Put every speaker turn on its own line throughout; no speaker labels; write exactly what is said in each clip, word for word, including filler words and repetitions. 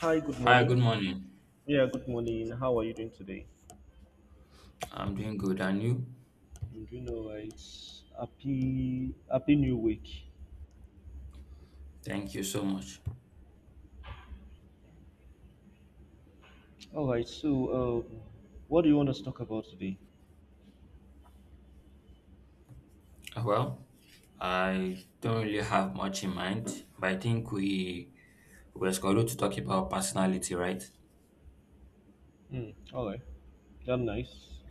Hi, good
Hi, good
morning.
morning.
Yeah, good morning. How are you doing today?
I'm doing good, and you?
I'm doing all right. Happy Happy New Week.
Thank you so much.
All right. So, um, what do you want us to talk about today?
Uh, Well, I don't really have much in mind, but I think we we're scheduled to talk about personality, right?
Hmm. All right. That's nice.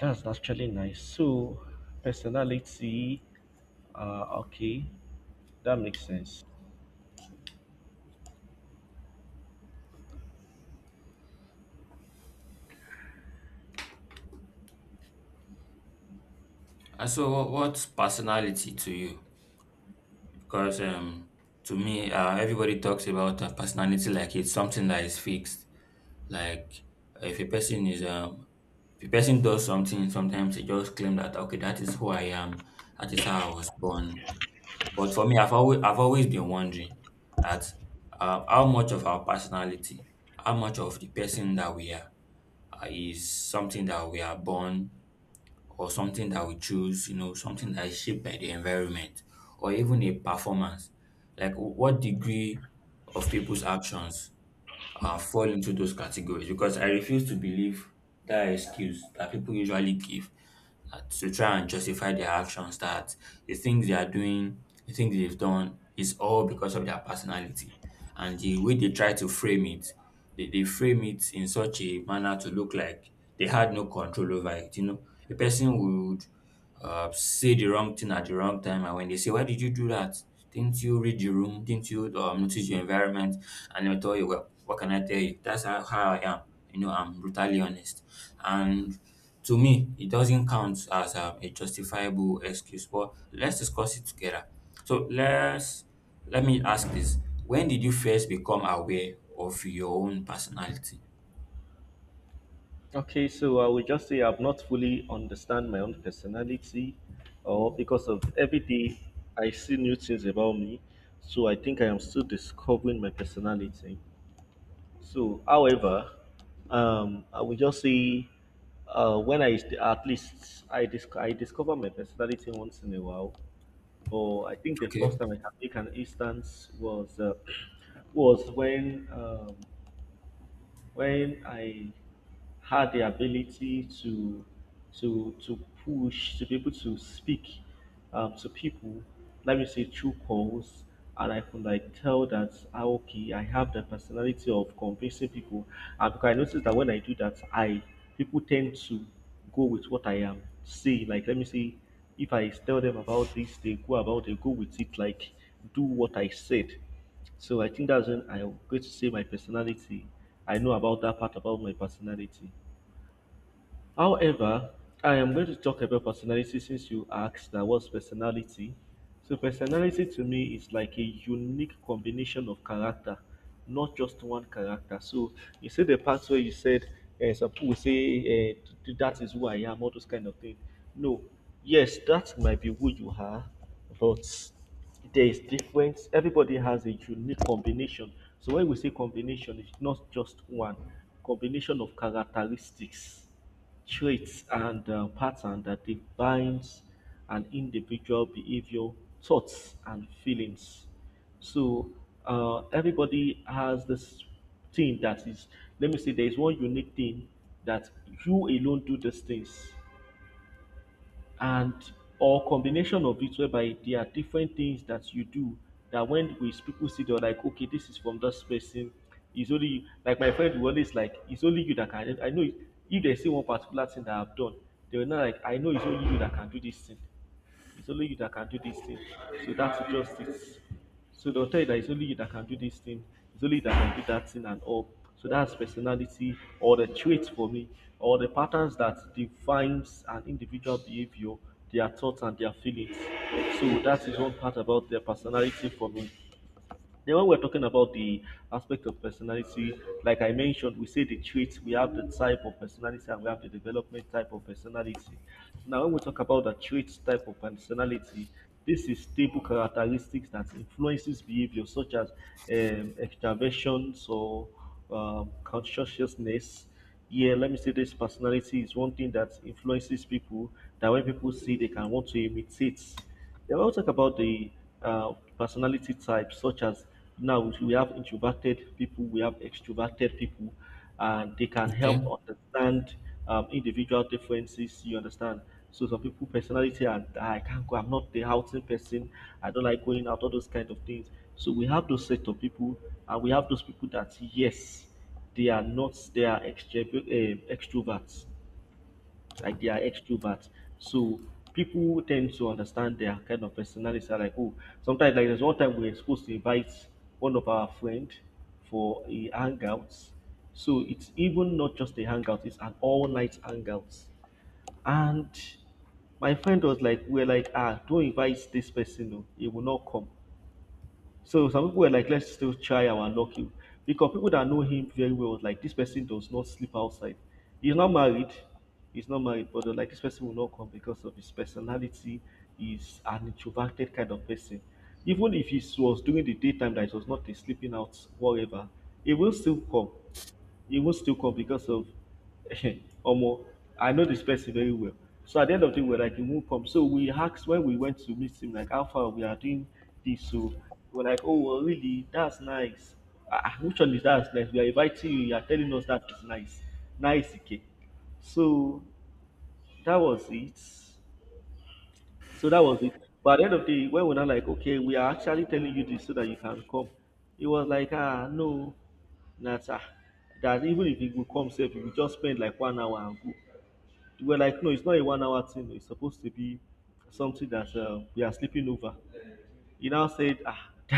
That's actually nice. So, personality. Uh, okay, that makes sense.
Uh, So, wha- what's personality to you? Because um, to me, uh, everybody talks about uh, personality like it's something that is fixed. Like, if a person is um, if a person does something, sometimes they just claim that, okay, that is who I am, that is how I was born. But for me, I've always I've always been wondering that uh, how much of our personality, how much of the person that we are, uh, is something that we are born or something that we choose, you know, something that is shaped by the environment or even a performance. Like, wh- what degree of people's actions uh, fall into those categories, because I refuse to believe that excuse that people usually give uh, to try and justify their actions, that the things they are doing, the things they've done is all because of their personality. And the way they try to frame it, they, they frame it in such a manner to look like they had no control over it. You know, a person would uh, say the wrong thing at the wrong time. And when they say, "Why did you do that? Didn't you read the room? Didn't you um, notice your environment?" And they'll tell you, "Well, what can I tell you? That's how, how I am. You know, I'm brutally honest." And to me, it doesn't count as um, a justifiable excuse. But let's discuss it together. So, let's let me ask this: when did you first become aware of your own personality?
Okay, so I will just say I've not fully understand my own personality, or because of every day I see new things about me, so I think I am still discovering my personality. So, however, um, I will just say uh, when I at least I dis- I discover my personality once in a while, but I think the first
Okay.
time I can take an instance was uh, was when um, when I had the ability to to to push to be able to speak um, to people, let me say through calls. And I could like tell that, ah, okay, I have the personality of convincing people. And because I noticed that when I do that I people tend to go with what I am saying. Like, let me say if I tell them about this, they go about they go with it, like do what I said. So I think that's when I'm going to say my personality, I know about that part about my personality. However, I am going to talk about personality since you asked that what's personality. So, personality to me is like a unique combination of character, not just one character. So, you see the part where you said, uh, some people will say, uh, that is who I am, all those kind of things. No, yes, that might be who you are, but there is difference. Everybody has a unique combination. So, when we say combination, it's not just one combination of characteristics, traits and uh, pattern that defines an individual behavior, thoughts and feelings. So uh, everybody has this thing that is, let me say there is one unique thing that you alone do these things. And or combination of it, whereby there are different things that you do that when we people see, they're like, okay, this is from this person, it's only you. Like my friend will always like, it's only you that can, i know it- if they see one particular thing that I've done, they will not like I know it's only you that can do this thing, it's only you that can do this thing. So that's just it. So they'll tell you that it's only you that can do this thing. It's only you that can do that thing and all. So that's personality or the traits for me, or the patterns that defines an individual behavior, their thoughts and their feelings. So that is one part about their personality for me. Then when we're talking about the aspect of personality, like I mentioned, we say the traits, we have the type of personality, and we have the development type of personality. Now when we talk about the traits type of personality, this is stable characteristics that influences behavior such as um, extraversion, so um, conscientiousness. Yeah, let me say this personality is one thing that influences people, that when people see they can want to imitate. Yeah, we'll talk about the uh, personality types, such as, now we have introverted people, we have extroverted people, and they can
Okay.
help understand um, individual differences. You understand? So some people personality and, "Ah, I can't go. I'm not the outing person. I don't like going out." All those kind of things. So we have those set of people, and we have those people that, yes, they are not, they are extro- eh, extroverts, like they are extroverts. So people tend to understand their kind of personality. Are like, oh, sometimes, like there's one time we were supposed to invite one of our friend for a hangout. So it's even not just a hangout; it's an all-night hangout. And my friend was like, we're like, ah, don't invite this person. No, he will not come. So some people were like, let's still try our lucky. Because people that know him very well, was like, this person does not sleep outside. He's not married. He's not married, but they're like, this person will not come because of his personality. He's an introverted kind of person. Even if he was during the daytime that it was not a sleeping out, whatever, he will still come. He will still come because of Omo. I know this person very well. So at the end of the day, we're like, he won't come. So we asked when we went to meet him, like, how far we are doing this. So we're like, oh, well, really? That's nice. Ah, ah, which one is that nice? We are inviting you. You are telling us that is nice. Nice, okay. So that was it. So that was it. But at the end of the day, when we're not like, okay, we are actually telling you this so that you can come, it was like, ah, no, Nata. That even if you go come safe, you will just spend like one hour and go. We we like, no, it's not a one hour thing. It's supposed to be something that uh, we are sleeping over. He now said, ah,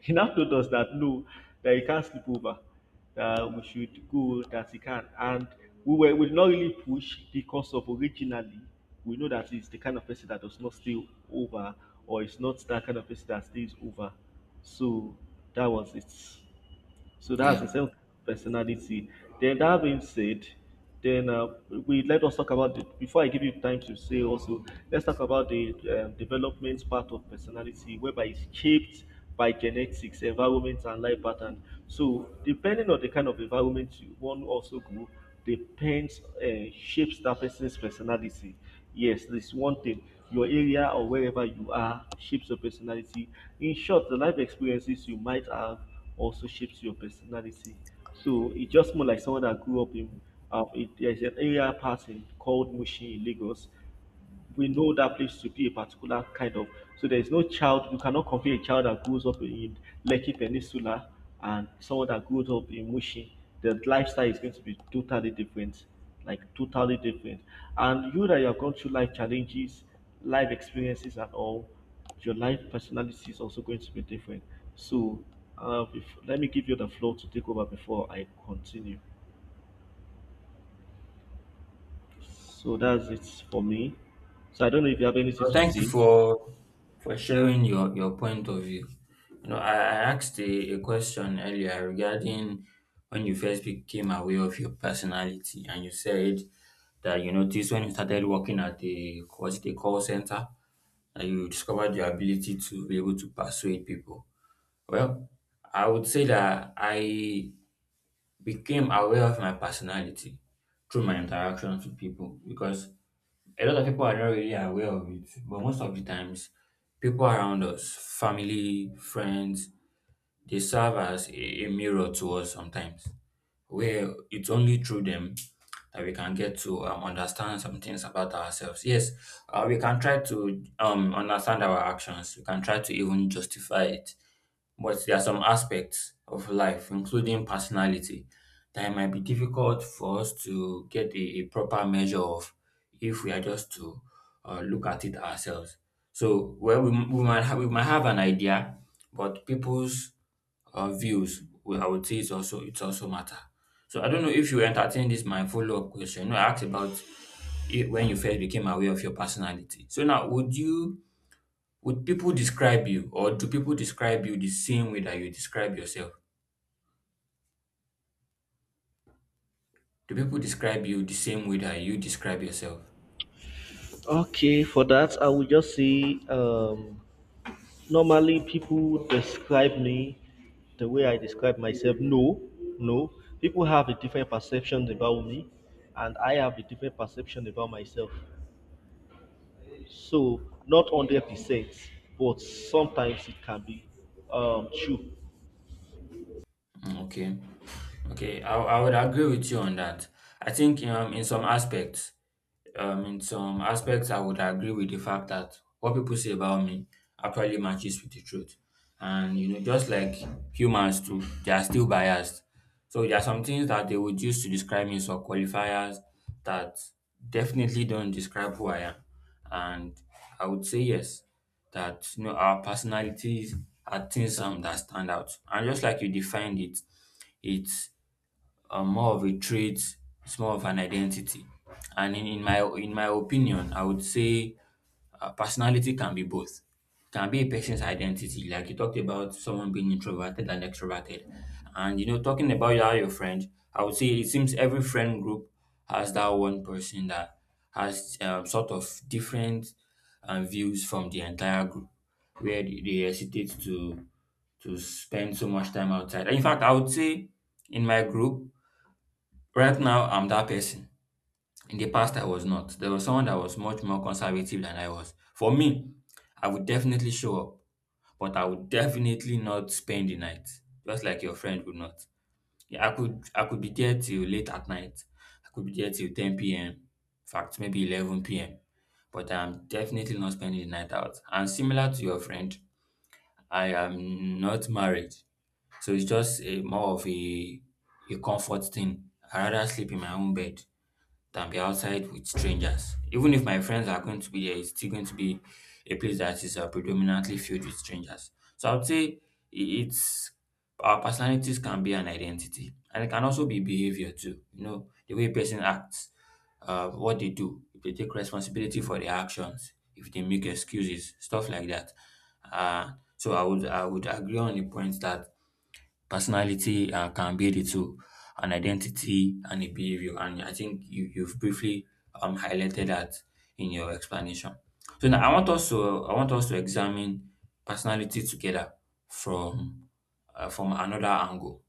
he now told us that no, that he can't sleep over, that we should go, that he can. And we were we did not really push because of originally we know that he's the kind of person that does not stay over, or it's not that kind of person that stays over. So that was it. So that's
Yeah.
the self personality. Then, that being said, then uh, we let us talk about the, before I give you time to say also, let's talk about the uh, development part of personality, whereby it's shaped by genetics, environment, and life pattern. So depending on the kind of environment you one also go, depends uh, shapes that person's personality. Yes, this one thing. Your area or wherever you are shapes your personality. In short, the life experiences you might have also shapes your personality. So it's just more like someone that grew up in. Um, it, there's an area pattern called Mushin in Lagos, we know that place to be a particular kind of. So there is no child. You cannot compare a child that grows up in Lekki Peninsula and someone that grows up in Mushin. The lifestyle is going to be totally different, like totally different. And you that you have gone through life challenges, life experiences, and all, your life personality is also going to be different. So, uh, bef- let me give you the floor to take over before I continue. So that's it for me. So I don't know if you have anything
Well,
to
thank you
say.
for for sharing your your point of view. You know, I, I asked a, a question earlier regarding when you first became aware of your personality, and you said that you noticed when you started working at a, was it a call center, that you discovered your ability to be able to persuade people. Well, I would say that I became aware of my personality through my interactions with people, because a lot of people are not really aware of it, but most of the times, people around us, family, friends, they serve as a, a mirror to us sometimes, where it's only through them that we can get to um, understand some things about ourselves. Yes, uh, we can try to um, understand our actions, we can try to even justify it, but there are some aspects of life, including personality, that it might be difficult for us to get a, a proper measure of if we are just to uh, look at it ourselves. So, well, we, we might have, we might have an idea, but people's uh, views, well, I would say it's also it's also matter. So I don't know if you entertain this my follow up question. You know, I asked about it when you first became aware of your personality. So now, would you would people describe you, or do people describe you the same way that you describe yourself? Do people describe you the same way that you describe yourself?
Okay, for that, I would just say um, normally people describe me the way I describe myself. No, no. People have a different perception about me, and I have a different perception about myself. So, not one hundred percent, but sometimes it can be um, true.
Mm, okay. Okay. I, I would agree with you on that. I think, um, in some aspects, um, in some aspects, I would agree with the fact that what people say about me actually matches with the truth. And, you know, just like humans too, they are still biased. So there are some things that they would use to describe me, some qualifiers that definitely don't describe who I am. And I would say, yes, that you know our personalities are things um, that stand out. And just like you defined it, it's uh, more of a trait, it's more of an identity. And in, in my in my opinion, I would say uh, personality can be both. Can be a person's identity, like you talked about someone being introverted and extroverted. And you know, talking about how your friend, I would say it seems every friend group has that one person that has um, sort of different um, views from the entire group, where they they hesitate to to spend so much time outside. In fact, I would say in my group right now, I'm that person. In the past, I was not. There was someone that was much more conservative than I was. For me, I would definitely show up, but I would definitely not spend the night, just like your friend would not. Yeah, I could I could be there till late at night. I could be there till ten p m. In fact, maybe eleven p m. But I'm definitely not spending the night out. And similar to your friend, I am not married, so it's just a more of a a comfort thing. I rather sleep in my own bed than be outside with strangers. Even if my friends are going to be there, it's still going to be a place that is uh, predominantly filled with strangers. So I would say, i- it's, our personalities can be an identity, and it can also be behavior too. You know, the way a person acts, uh, what they do, if they take responsibility for their actions, if they make excuses, stuff like that. Uh, so I would I would agree on the point that personality uh, can be the two, an identity and a behavior. And I think you, you've briefly um, highlighted that in your explanation. So now I want us to I want us to examine personality together from uh, from another angle,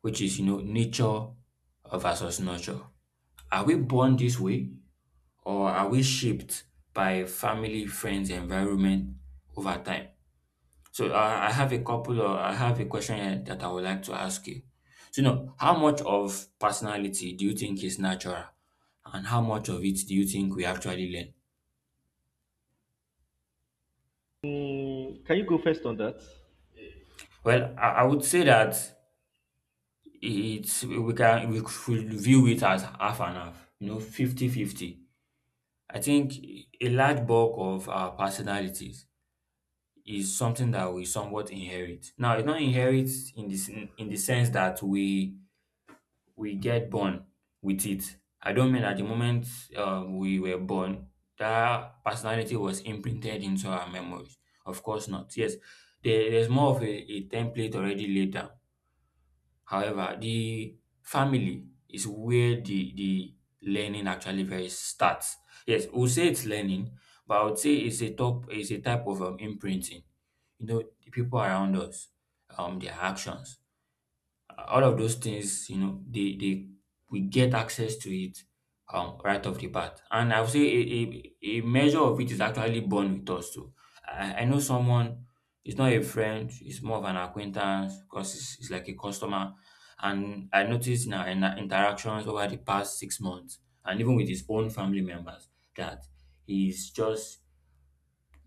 which is, you know nature versus nurture. Are we born this way, or are we shaped by family, friends, environment over time? So, I, I have a couple of I have a question here that I would like to ask you. So, you know, how much of personality do you think is natural, and how much of it do you think we actually learn?
Mm, can you go first on that?
Well, I, I would say that it's we can we should view it as half and half, you know, fifty fifty. I think a large bulk of our personalities is something that we somewhat inherit. Now, it's not inherit in this in the sense that we we get born with it. I don't mean that the moment um, we were born, that personality was imprinted into our memories. Of course not. Yes, there, there's more of a, a template already laid down. However, the family is where the, the learning actually very starts. Yes, we'll say it's learning, but I would say it's a top it's a type of um, imprinting. You know, the people around us, um, their actions, all of those things, you know, they they we get access to it um right off the bat. And I would say a, a, a measure of it is actually born with us too. I, I know someone, it's not a friend, it's more of an acquaintance, because it's, it's like a customer. And I noticed in our, in our interactions over the past six months, and even with his own family members, that he's just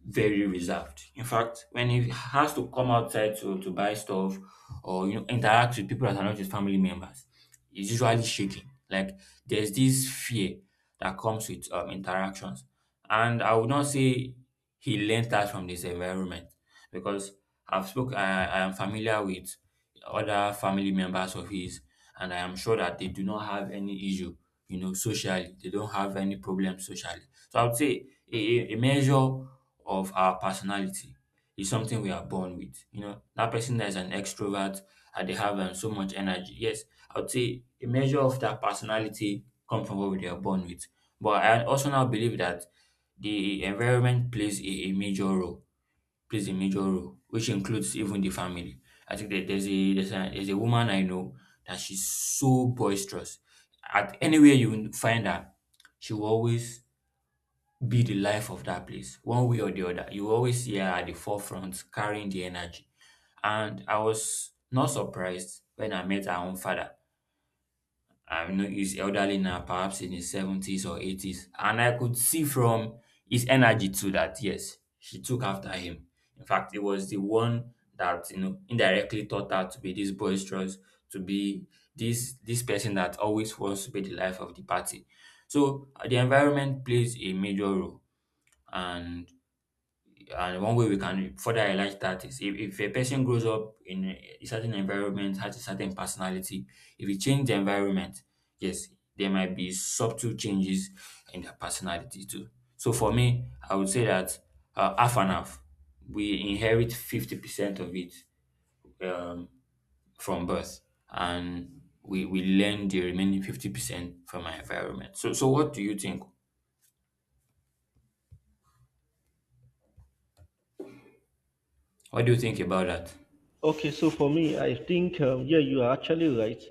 very reserved. In fact, when he has to come outside to, to buy stuff or you know interact with people that are not his family members, he's usually shaking. Like, there's this fear that comes with um, interactions, and I would not say he learned that from this environment, because I've spoke. I, I am familiar with other family members of his, and I am sure that they do not have any issue. You know, socially, they don't have any problem socially. So I would say a, a a measure of our personality, it's something we are born with. You know, that person that is an extrovert and they have um, so much energy. Yes, I would say a measure of that personality comes from what they are born with. But I also now believe that the environment plays a, a major role, plays a major role, which includes even the family. I think that there's a there's a there's a woman I know that she's so boisterous. At anywhere you find her, she will always be the life of that place one way or the other. You always see her at the forefront carrying the energy, and I was not surprised when I met her own father. I know he's elderly now, perhaps in his seventies or eighties, and I could see from his energy too that yes, she took after him. In fact, it was the one that you know indirectly taught her to be this boisterous, to be this this person that always wants to be the life of the party. So uh, the environment plays a major role. and and one way we can further highlight that is if, if a person grows up in a certain environment, has a certain personality, if you change the environment, yes, there might be subtle changes in their personality too. So for me, I would say that uh, half and half, we inherit fifty percent of it um, from birth, and we, we learn the remaining fifty percent from our environment. So, so what do you think? What do you think about that?
Okay, so for me, I think, um, yeah, you are actually right.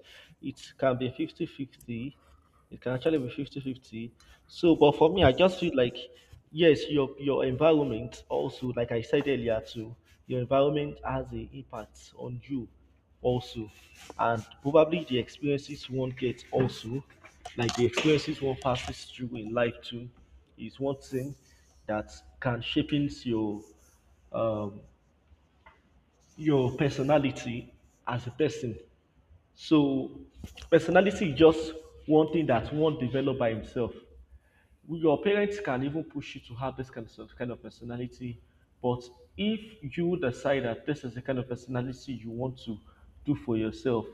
It can be fifty-fifty. It can actually be fifty-fifty. So, but for me, I just feel like, yes, your, your environment also, like I said earlier, too, your environment has an impact on you also. And probably the experiences one gets also, like the experiences one passes through in life, too, is one thing that can shape your um, your personality as a person. So personality is just one thing that one develop by himself. Your parents can even push you to have this kind of, kind of personality, but if you decide that this is the kind of personality you want to do for yourself,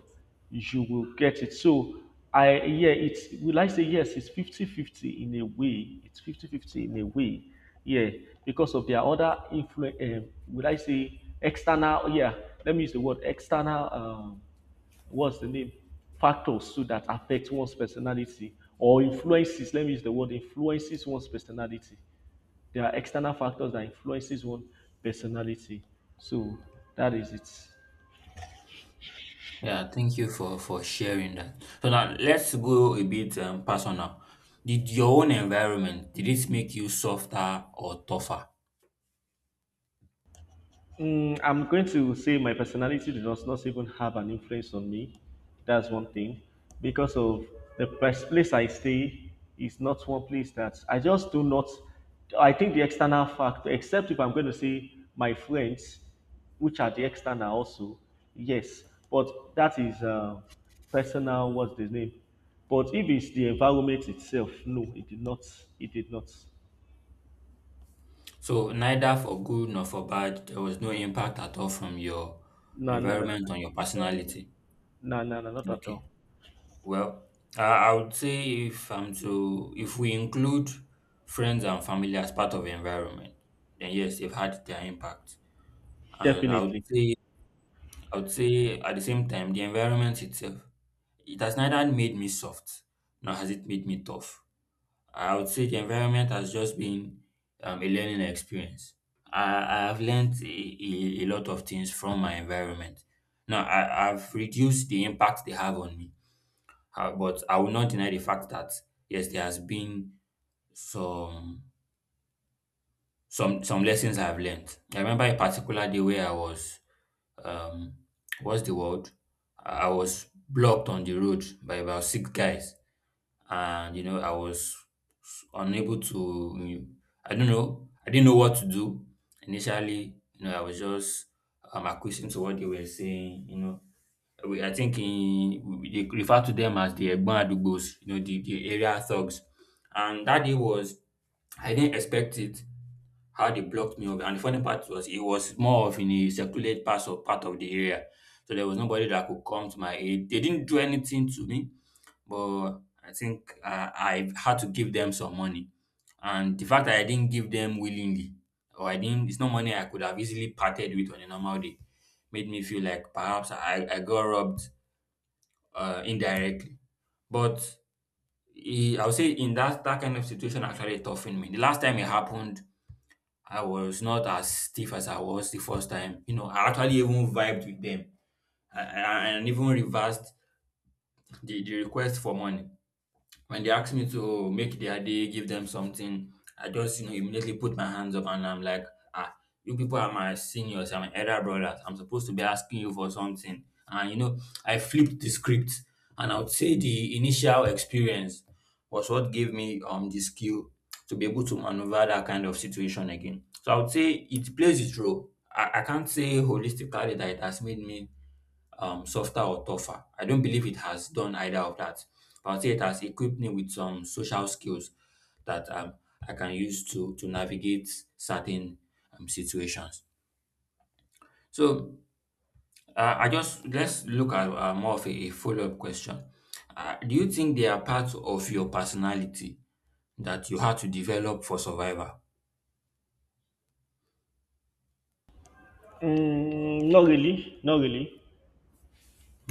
you will get it. So I, yeah, it's, will I say yes, it's fifty fifty in a way, it's fifty fifty in a way, yeah, because of their other influence. Um, would I say external? Yeah, let me use the word external. Um, what's the name Factors too that affect one's personality, or influences, let me use the word influences one's personality. There are external factors that influences one personality. So that is it.
Yeah, thank you for for sharing that. So now let's go a bit um, personal. Did your own environment, did it make you softer or tougher?
Mm, I'm going to say my personality does not even have an influence on me. That's one thing. Because of the pers- place I stay is not one place that I just do not. I think the external factor, except if I'm going to say my friends, which are the external also, yes. But that is uh, personal. What's the name? But if it's the environment itself, no, it did not. It did not.
So neither for good nor for bad, there was no impact at all from your
No, no, no, no,
environment on your personality.
no, no, no, no, not at
Okay.
all.
Well, I, I would say if I'm to if we include friends and family as part of the environment, then yes, they've had their impact. And I would
Definitely.
say I would say at the same time the environment itself, it has neither made me soft nor has it made me tough. I would say the environment has just been um, a learning experience. I, I have learned a, a, a lot of things from my environment. Now, I, I've reduced the impact they have on me. Uh, but I will not deny the fact that yes, there has been some some some lessons I've learned. I remember a particular day where I was, um, what's the word, I was blocked on the road by about six guys, and you know I was unable to, mm, I don't know, I didn't know what to do initially. you know I was just um acquiescing to what they were saying. You know we, I think in, we, They refer to them as the Egbon Adugbos, you know, the the area thugs. And that day was, I didn't expect it, how they blocked me off. And the funny part was it was more of in a secluded part of part of the area, so there was nobody that could come to my aid. They didn't do anything to me, but I think uh, I had to give them some money. And the fact that I didn't give them willingly, or I didn't, it's not money I could have easily parted with on a normal day, made me feel like perhaps I, I got robbed, uh, indirectly. But eh, I would say in that, that kind of situation actually toughened me. The last time it happened, I was not as stiff as I was the first time. You know, I actually even vibed with them. I, I, and even reversed the, the request for money. When they ask me to make their day, give them something, I just, you know, immediately put my hands up and I'm like, ah, you people are my seniors, I'm my elder brothers. I'm supposed to be asking you for something. And you know, I flipped the script. And I would say the initial experience was what gave me um the skill to be able to maneuver that kind of situation again. So I would say it plays its role. I, I can't say holistically that it has made me um, softer or tougher. I don't believe it has done either of that, but I'll say it has equipped me with some social skills that um, I can use to to navigate certain um, situations. So uh, I just let's look at uh, more of a, follow up question. Uh, do you think they are part of your personality that you had to develop for survival?
Mm, not really, not really.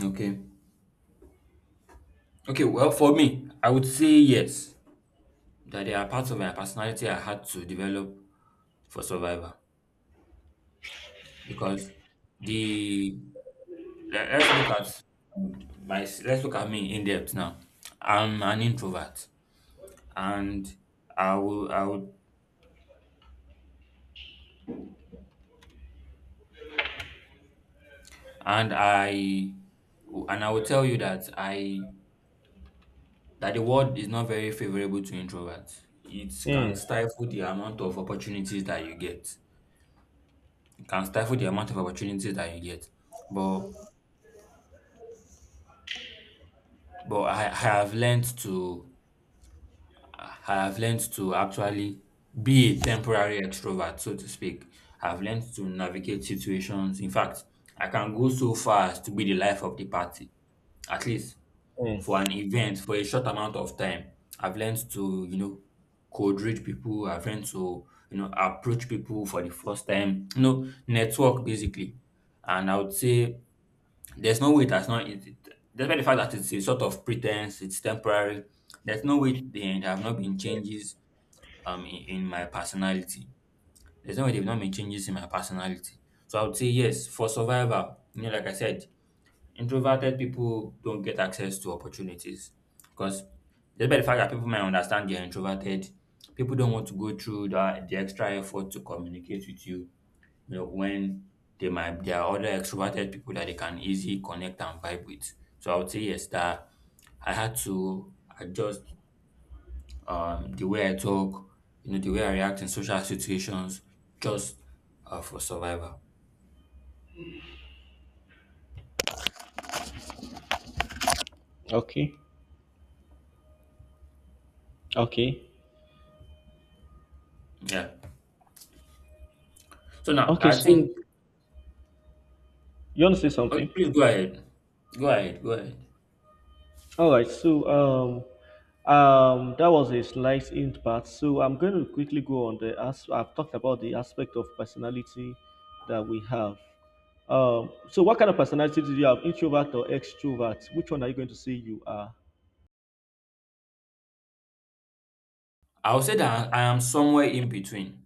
Okay. Okay. Well, for me, I would say yes, that there are parts of my personality I had to develop for survival, because the le- let's look at um, my let's look at me in depth now. I'm an introvert, and I will I will and I and I will tell you that I that the world is not very favorable to introverts. It can
Mm,
stifle the amount of opportunities that you get. It can stifle the amount of opportunities that you get. But but I, I have learned to I have learned to actually be a temporary extrovert, so to speak. I've learned to navigate situations. In fact, I can go so far as to be the life of the party, at least for
mm.
an event, for a short amount of time. I've learned to, you know, code read people. I've learned to, you know, approach people for the first time, you know, network basically. And I would say there's no way that's not, it, it, despite the fact that it's a sort of pretense, it's temporary, there's no way there have not been changes um in in my personality. There's no way they've not made changes in my personality. So I would say yes, for survival, you know, like I said, introverted people don't get access to opportunities because, just by the fact that people might understand you're introverted, people don't want to go through that the extra effort to communicate with you, you know, when they might there are other extroverted people that they can easily connect and vibe with. So I would say yes, that I had to adjust um, the way I talk, you know, the way I react in social situations, just uh, for survival.
Okay, okay,
Yeah. So now
okay.
I
So
think,
you want to say
okay,
something?
please go ahead. Go ahead. Go ahead.
All right. So um, um, that was a slight hint part. So I'm going to quickly go on the as I've talked about the aspect of personality that we have. Um, so what kind of personality do you have? Introvert or extrovert? Which one are you going to say you are?
I would say that I am somewhere in between.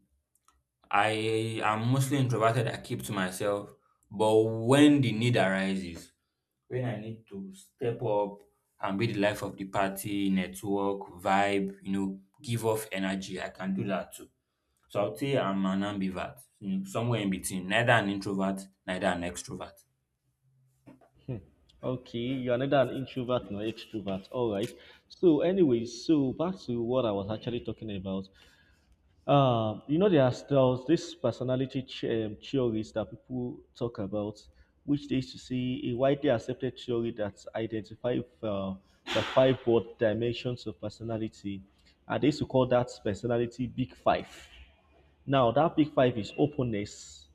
I am mostly introverted. I keep to myself, but when the need arises, when I need to step up and be the life of the party, network, vibe, you know, give off energy, I can do that too. So I would say I'm an ambivert, you know, somewhere in between, neither an introvert, neither an extrovert.
Hmm. Okay, you are neither an introvert nor extrovert. All right. So, anyway, so back to what I was actually talking about. Um, you know, there's there's this personality ch- um, theories that people talk about, which they used to see a widely accepted theory that identify uh, the five broad dimensions of personality, and they used to call that personality Big Five. Now, that Big Five is openness,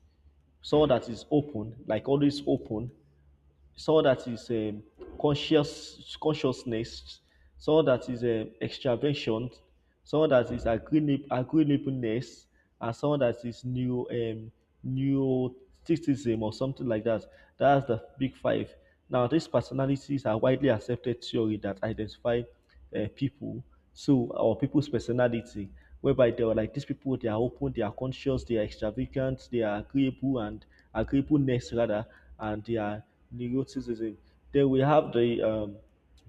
someone that is open, like always open, someone that is um, conscious consciousness, someone that is um, extraversion, someone that is agreeab- agreeableness, and someone that is new um, neuroticism or something like that. That's the big five. Now, these personalities are widely accepted theory that identify uh, people. So or people's personality, whereby they were like these people, they are open, they are conscious, they are extravagant, they are agreeable and agreeableness rather, and they are neuroticism. Then we have the um,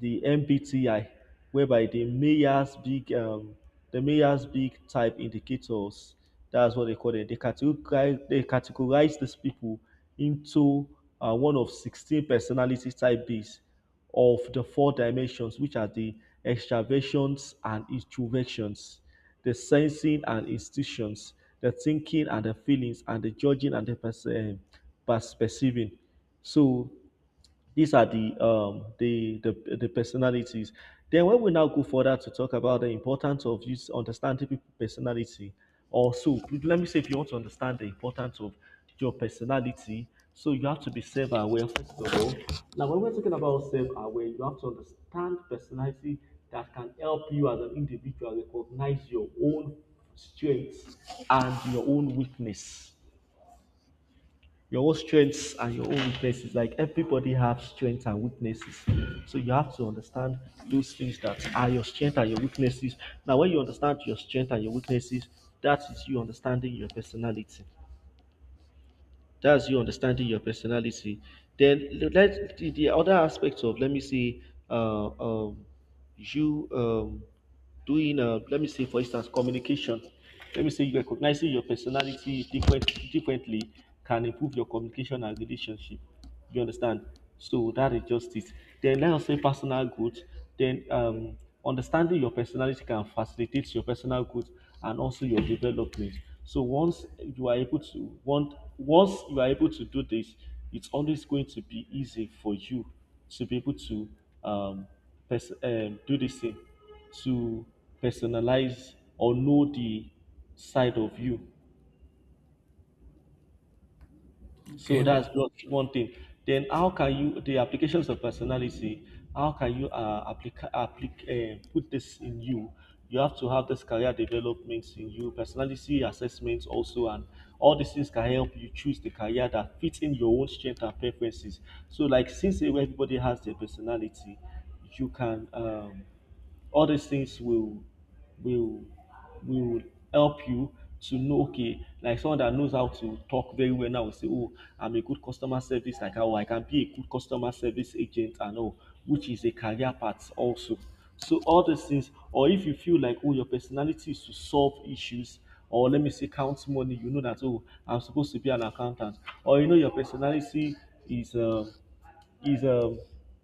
the M B T I, whereby the Mayer's big um, the Mayer's big type indicators. That's what they call it. They categorize they categorize these people into uh, one of sixteen personality type Bs of the four dimensions, which are the extraversions and introversions, the sensing and institutions, the thinking and the feelings, and the judging and the perce- eh, pers- perceiving. So these are the um, the, the the personalities. Then when we now go further to talk about the importance of use understanding people personality, also let me say if you want to understand the importance of your personality, so you have to be self-aware first of all. Now when we're talking about self-aware, you have to understand personality that can help you as an individual recognize your own strengths and your own weakness your own strengths and your own weaknesses. Like everybody has strengths and weaknesses. So you have to understand those things that are your strengths and your weaknesses. Now, when you understand your strengths and your weaknesses, that is you understanding your personality. That's you understanding your personality. Then let the, the other aspect of let me see, uh, um, you um, doing uh, let me say for instance communication. Let me say you recognizing your personality different differently can improve your communication and relationship. You understand? So that is just it. Then let us say personal growth. Then um, understanding your personality can facilitate your personal growth and also your development. So once you are able to want once you are able to do this, it's always going to be easy for you to be able to um, pers- um do this thing to personalize or know the side of you. So
Okay.
that's just one thing. Then how can you the applications of personality? How can you uh, applica applic- uh, put this in you? You have to have this career development in you, personality assessments also, and all these things can help you choose the career that fits in your own strength and preferences. So, like since everybody has their personality, you can um, all these things will will will help you to know okay, like someone that knows how to talk very well now will say oh, I'm a good customer service, like how I can be a good customer service agent and all, which is a career path also. So all these things, or if you feel like oh, your personality is to solve issues, or let me say count money, you know that oh, I'm supposed to be an accountant, or you know your personality is um is um,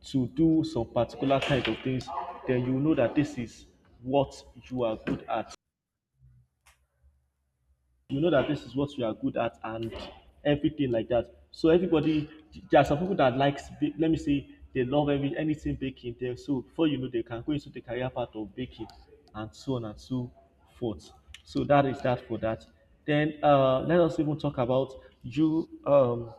to do some particular kind of things, then you know that this is what you are good at. You know that this is what you are good at and everything like that. So everybody, there are some people that likes, let me say, they love every anything baking there. So before you know, they can go into the career path of baking and so on and so forth. So that is that for that. Then uh, let us even talk about you. Um,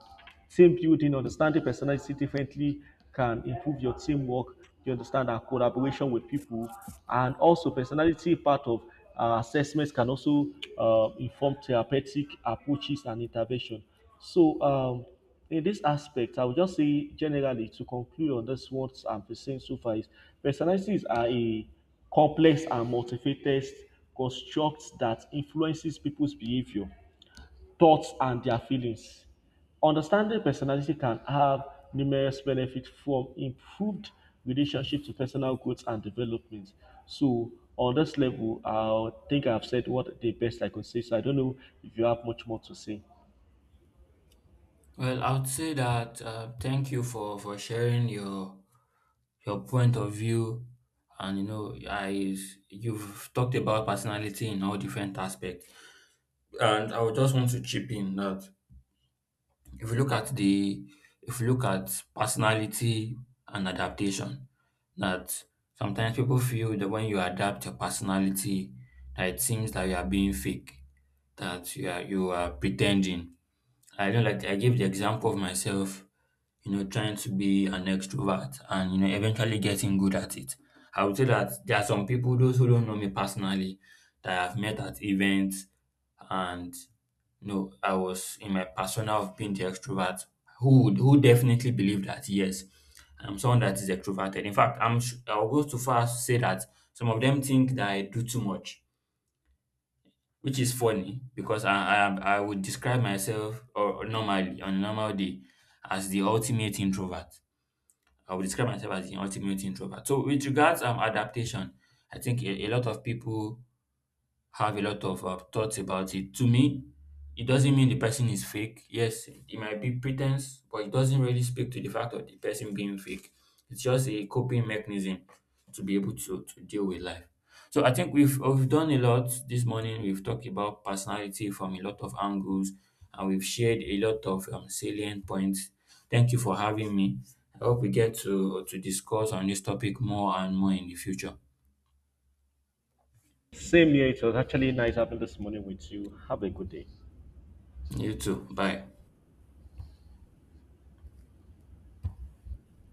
Team building, understanding personality differently can improve your teamwork, you understand, our collaboration with people. And also, personality part of uh, assessments can also uh, inform therapeutic approaches and intervention. So, um, in this aspect, I would just say generally to conclude on this what I'm saying so far is personalities are a complex and multifaceted construct that influences people's behavior thoughts and their feelings. Understanding personality can have numerous benefits from improved relationship to personal growth and development. So on this level, I think I've said what the best I could say. So I don't know if you have much more to say.
Well, I would say that uh, thank you for for sharing your your point of view. And you know, I you've talked about personality in all different aspects, and I would just want to chip in that if you look at the if you look at personality and adaptation, that sometimes people feel that when you adapt your personality, that it seems that you are being fake, that you are you are pretending. I don't like I gave the example of myself, you know, trying to be an extrovert and you know eventually getting good at it. I would say that there are some people, those who don't know me personally, that I've met at events, and you know, I was in my persona of being the extrovert, who would who definitely believe that yes, I'm someone that is extroverted. In fact, I'm sh- I'll go too far to say that some of them think that I do too much, which is funny because I, I I would describe myself or normally on a normal day as the ultimate introvert. I would describe myself as the ultimate introvert. So with regards um adaptation, I think a a lot of people have a lot of uh, thoughts about it. To me, it doesn't mean the person is fake. Yes, it might be pretense, but it doesn't really speak to the fact of the person being fake. It's just a coping mechanism to be able to to deal with life. So I think we've we've done a lot this morning. We've talked about personality from a lot of angles, and we've shared a lot of um, salient points. Thank you for having me. I hope we get to to discuss on this topic more and more in the future.
Same here. It was actually nice having this morning with you. Have a good day.
You too. Bye.